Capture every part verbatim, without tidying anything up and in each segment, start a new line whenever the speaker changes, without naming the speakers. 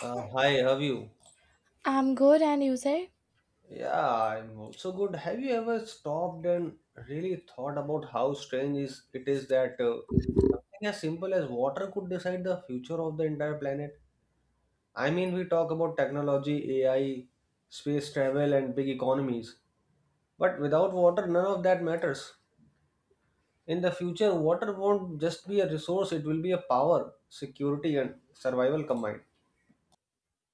Uh, hi, how are you?
I'm good, and you say?
Yeah, I'm also good. Have you ever stopped and really thought about how strange is it is that uh, something as simple as water could decide the future of the entire planet? I mean, we talk about technology, A I, space travel, and big economies, but without water, none of that matters. In the future, water won't just be a resource; it will be a power, security, and survival combined.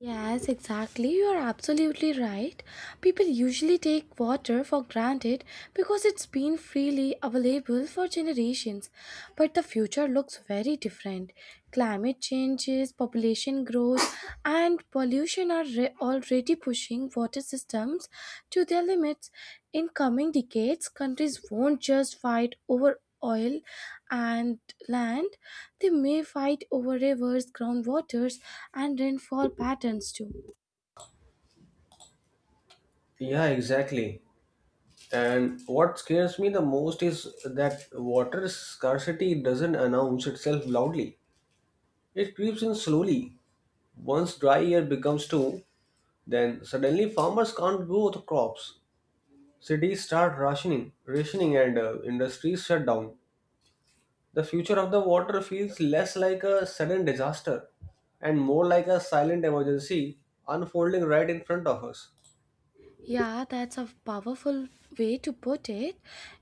Yes, exactly. You are absolutely right. People usually take water for granted because it's been freely available for generations. But the future looks very different. Climate changes, population growth, and pollution are re- already pushing water systems to their limits. In coming decades, countries won't just fight over oil and land, they may fight over rivers, groundwaters, and rainfall patterns too.
Yeah, exactly. And what scares me the most is that water scarcity doesn't announce itself loudly. It creeps in slowly. Once dry year becomes two, then suddenly farmers can't grow the crops. Cities start rationing, rationing and uh, industries shut down. The future of the water feels less like a sudden disaster and more like a silent emergency unfolding right in front of us.
Yeah, that's a powerful way to put it.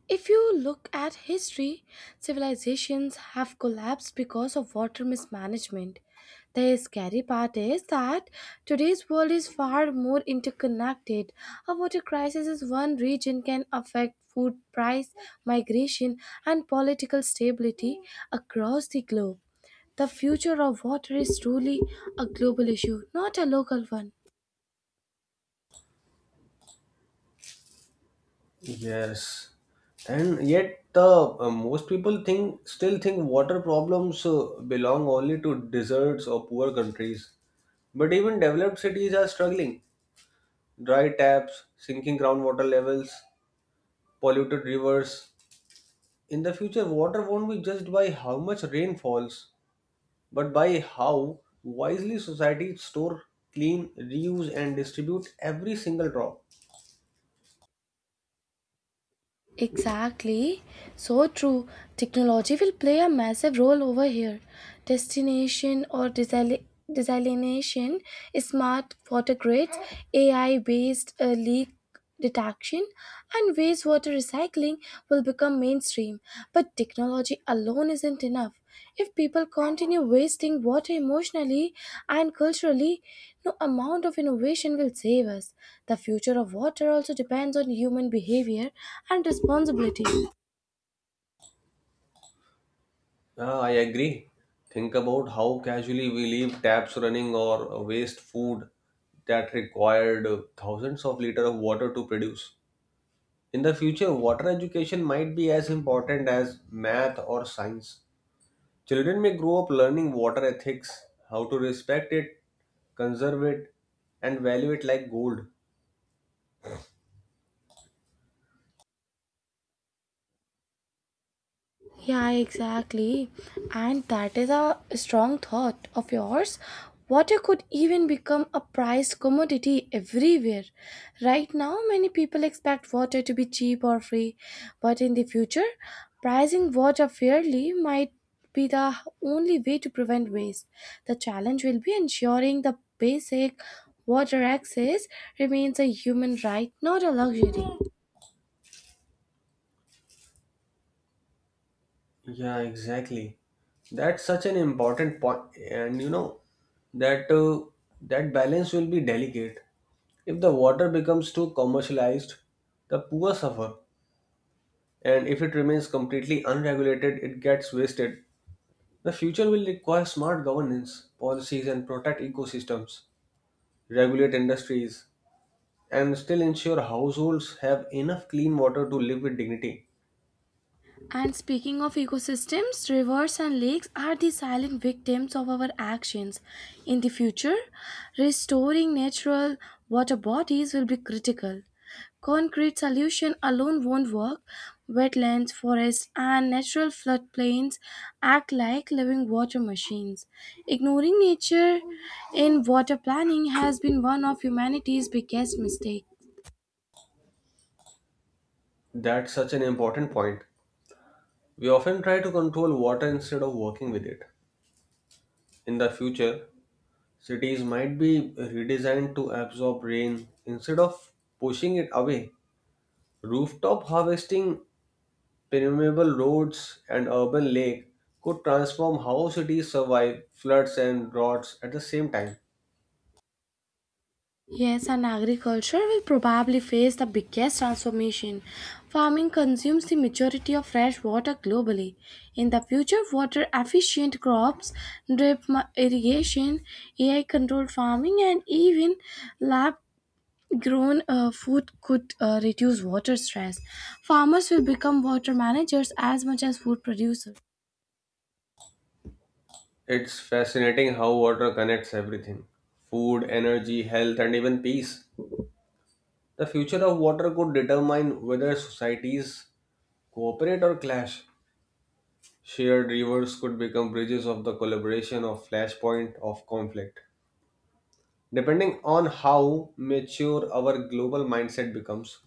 If you look at history, civilizations have collapsed because of water mismanagement. The scary part is that today's world is far more interconnected. A water crisis in one region can affect food price, migration, and political stability across the globe. The future of water is truly a global issue, not a local one.
Yes, and yet the uh, most people think still think water problems uh, belong only to deserts or poor countries. But even developed cities are struggling. Dry taps, sinking groundwater levels, polluted rivers. In the future, water won't be judged by how much rain falls, but by how wisely societies store, clean, reuse, and distribute every single drop.
Exactly. So true. Technology will play a massive role over here. Destination or desal- desalination, smart water grids, A I based uh, leak detection, and wastewater recycling will become mainstream. But technology alone isn't enough. If people continue wasting water emotionally and culturally, no amount of innovation will save us. The future of water also depends on human behavior and responsibility.
Ah, I agree. Think about how casually we leave taps running or waste food that required thousands of liters of water to produce. In the future, water education might be as important as math or science. Children may grow up learning water ethics, how to respect it, conserve it, and value it like gold.
Yeah, exactly. And that is a strong thought of yours. Water could even become a prized commodity everywhere. Right now, many people expect water to be cheap or free, but in the future, pricing water fairly might be the only way to prevent waste. The challenge will be ensuring the basic water access remains a human right, not a luxury.
Yeah, exactly. That's such an important point, and you know that uh, that balance will be delicate. If the water becomes too commercialized, the poor suffer, and if it remains completely unregulated, it gets wasted. The future will require smart governance, policies, and protect ecosystems, regulate industries, and still ensure households have enough clean water to live with dignity.
And speaking of ecosystems, rivers and lakes are the silent victims of our actions. In the future, restoring natural water bodies will be critical. Concrete solution alone won't work. Wetlands, forests, and natural floodplains act like living water machines. Ignoring nature in water planning has been one of humanity's biggest mistakes.
That's such an important point. We often try to control water instead of working with it. In the future, cities might be redesigned to absorb rain instead of pushing it away. Rooftop harvesting, permeable roads, and urban lake could transform how cities survive floods and droughts at the same time.
Yes, and agriculture will probably face the biggest transformation. Farming consumes the majority of fresh water globally. In the future, water efficient crops, drip ma- irrigation, A I controlled farming, and even lab grown uh, food could uh, reduce water stress. Farmers will become water managers as much as food producers.
It's fascinating how water connects everything: food, energy, health, and even peace. The future of water could determine whether societies cooperate or clash. Shared rivers could become bridges of the collaboration of flashpoint of conflict, depending on how mature our global mindset becomes.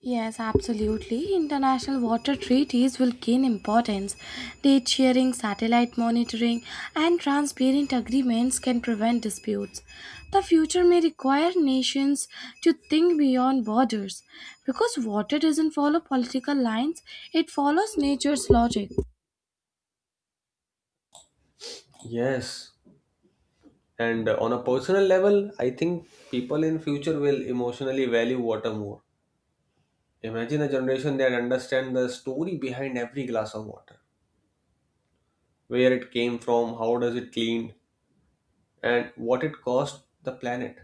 Yes, absolutely. International water treaties will gain importance. Date sharing, satellite monitoring, and transparent agreements can prevent disputes. The future may require nations to think beyond borders because water doesn't follow political lines, it follows nature's logic.
Yes, and uh, on a personal level I think people in future will emotionally value water more. Imagine a generation that understand the story behind every glass of water, where it came from, how does it cleaned, and what it cost the planet.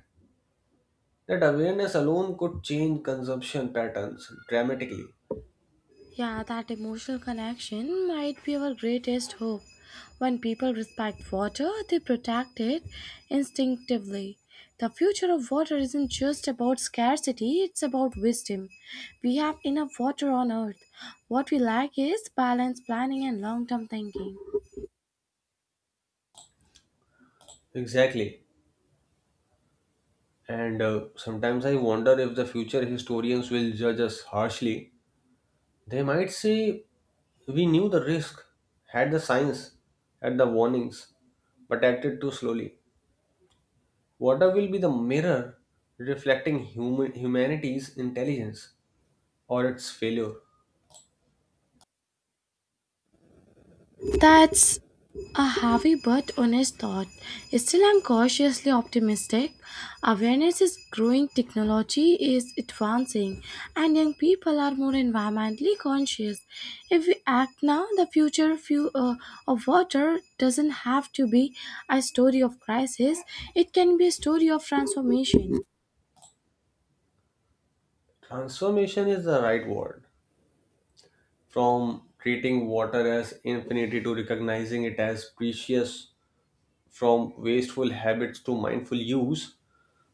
That awareness alone could change consumption patterns dramatically.
Yeah, that emotional connection might be our greatest hope. When people respect water, they protect it instinctively. The future of water isn't just about scarcity, it's about wisdom. We have enough water on earth. What we lack is balance, planning, and long term thinking.
Exactly, and uh, sometimes I wonder if the future historians will judge us harshly. They might say we knew the risk, had the signs, had the warnings, but acted too slowly. Water will be the mirror reflecting human, humanity's intelligence or its failure.
That's a heavy but honest thought. Still, I'm cautiously optimistic. Awareness is growing, technology is advancing, and young people are more environmentally conscious. If we act now, the future few, uh, of water doesn't have to be a story of crisis, it can be a story of transformation.
Transformation is the right word. From treating water as infinity to recognizing it as precious, from wasteful habits to mindful use,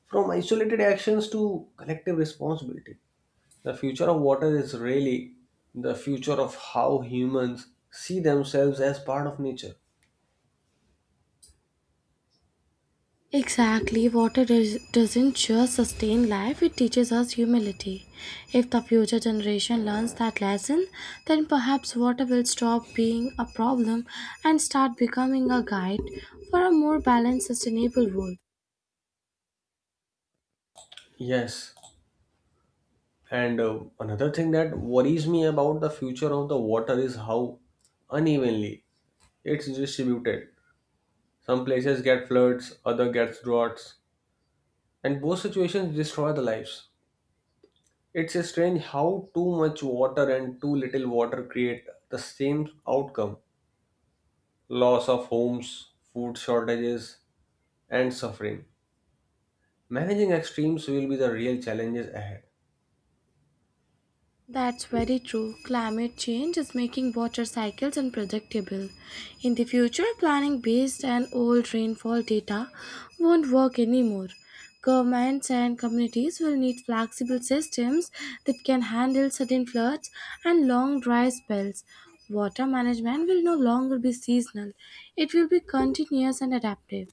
from isolated actions to collective responsibility. The future of water is really the future of how humans see themselves as part of nature.
Exactly, water does, doesn't just sustain life, it teaches us humility. If the future generation learns that lesson, then perhaps water will stop being a problem and start becoming a guide for a more balanced, sustainable world.
Yes, and uh, another thing that worries me about the future of the water is how unevenly it's distributed. Some places get floods, other gets droughts, and both situations destroy the lives. It's strange how too much water and too little water create the same outcome: loss of homes, food shortages, and suffering. Managing extremes will be the real challenges ahead.
That's very true. Climate change is making water cycles unpredictable. In the future, planning based on old rainfall data won't work anymore. Governments and communities will need flexible systems that can handle sudden floods and long dry spells. Water management will no longer be seasonal, it will be continuous and adaptive.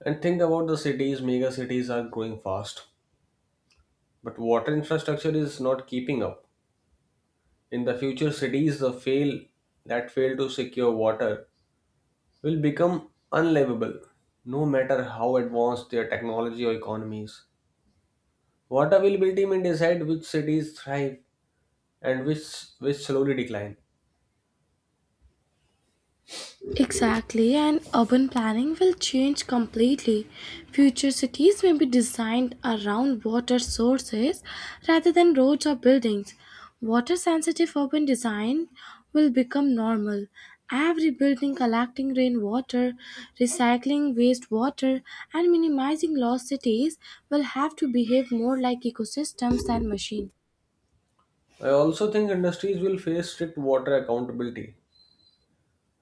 And think about the cities, mega cities are growing fast, but water infrastructure is not keeping up. In the future, cities the fail that fail to secure water will become unlivable, no matter how advanced their technology or economies. Water availability may decide which cities thrive and which which slowly decline.
Exactly, and urban planning will change completely. Future cities may be designed around water sources rather than roads or buildings. Water sensitive urban design will become normal. Every building collecting rainwater, recycling wastewater, and minimizing lost cities will have to behave more like ecosystems than machines.
I also think industries will face strict water accountability.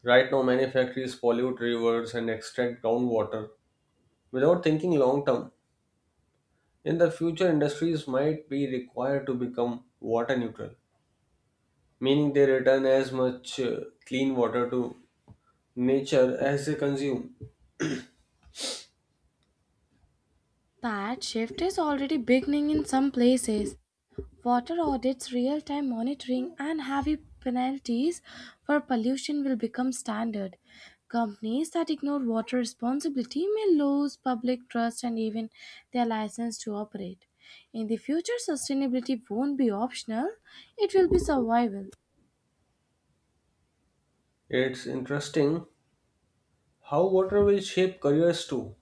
Right now, many factories pollute rivers and extract groundwater without thinking long term. In the future, industries might be required to become water neutral, meaning they return as much uh, clean water to nature as they consume.
That shift is already beginning in some places. Water audits, real time monitoring, and heavy penalties for pollution will become standard. Companies that ignore water responsibility may lose public trust and even their license to operate. In the future, sustainability won't be optional, it will be survival.
It's interesting how water will shape careers too.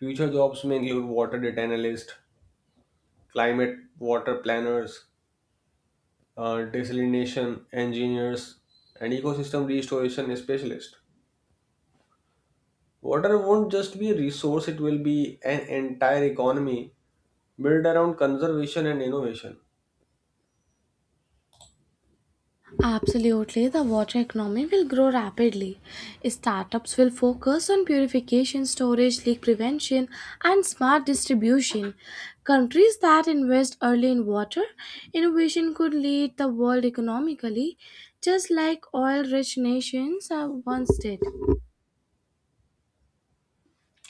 Future jobs may include water data analysts, climate water planners, uh, desalination engineers, and ecosystem restoration specialists. Water won't just be a resource, it will be an entire economy built around conservation and innovation.
Absolutely, the water economy will grow rapidly. Startups will focus on purification, storage, leak prevention, and smart distribution. Countries that invest early in water innovation could lead the world economically, just like oil rich nations have once did.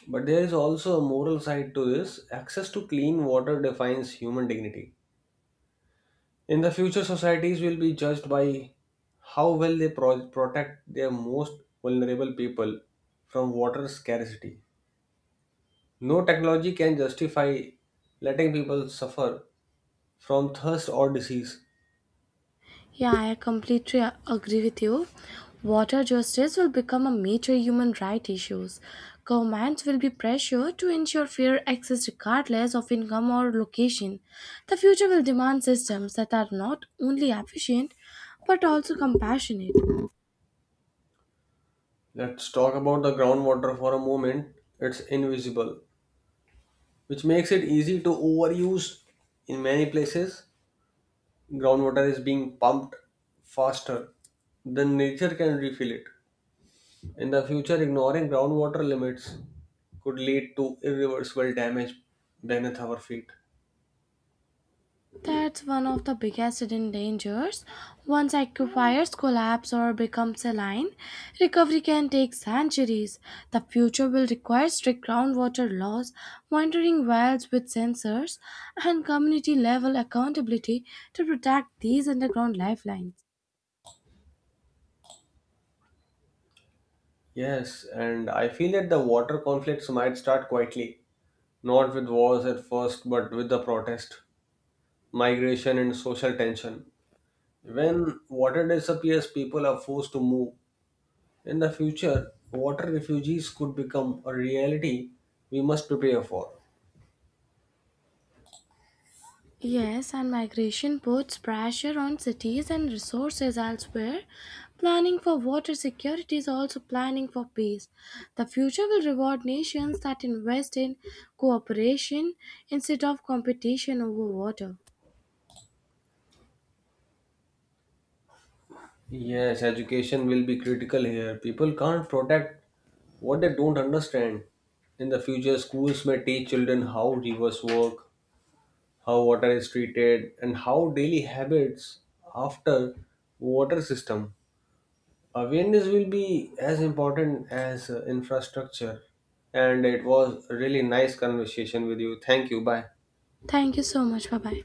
But there is also a moral side to this. Access to clean water defines human dignity. In the future, societies will be judged by how well they pro- protect their most vulnerable people from water scarcity. No technology can justify letting people suffer from thirst or disease.
Yeah, I completely a- agree with you. Water justice will become a major human right issue. Governments will be pressured to ensure fair access regardless of income or location. The future will demand systems that are not only efficient but also compassionate.
Let's talk about the groundwater for a moment. It's invisible, which makes it easy to overuse. In many places groundwater is being pumped faster than nature can refill it. In the future, ignoring groundwater limits could lead to irreversible damage beneath our feet.
That's one of the biggest hidden dangers. Once aquifers collapse or become saline, recovery can take centuries. The future will require strict groundwater laws, monitoring wells with sensors, and community level accountability to protect these underground lifelines.
Yes, and I feel that the water conflicts might start quietly, not with wars at first but with the protest, migration and social tension. When water disappears people are forced to move. In the future, water refugees could become a reality we must prepare for.
Yes, and migration puts pressure on cities and resources elsewhere. Planning for water security is also planning for peace. The future will reward nations that invest in cooperation instead of competition over water.
Yes, education will be critical here. People can't protect what they don't understand. In the future, schools may teach children how rivers work, how water is treated, and how daily habits after water system. Awareness will be as important as uh, infrastructure. And it was a really nice conversation with you. Thank you. Bye.
Thank you so much. Bye bye.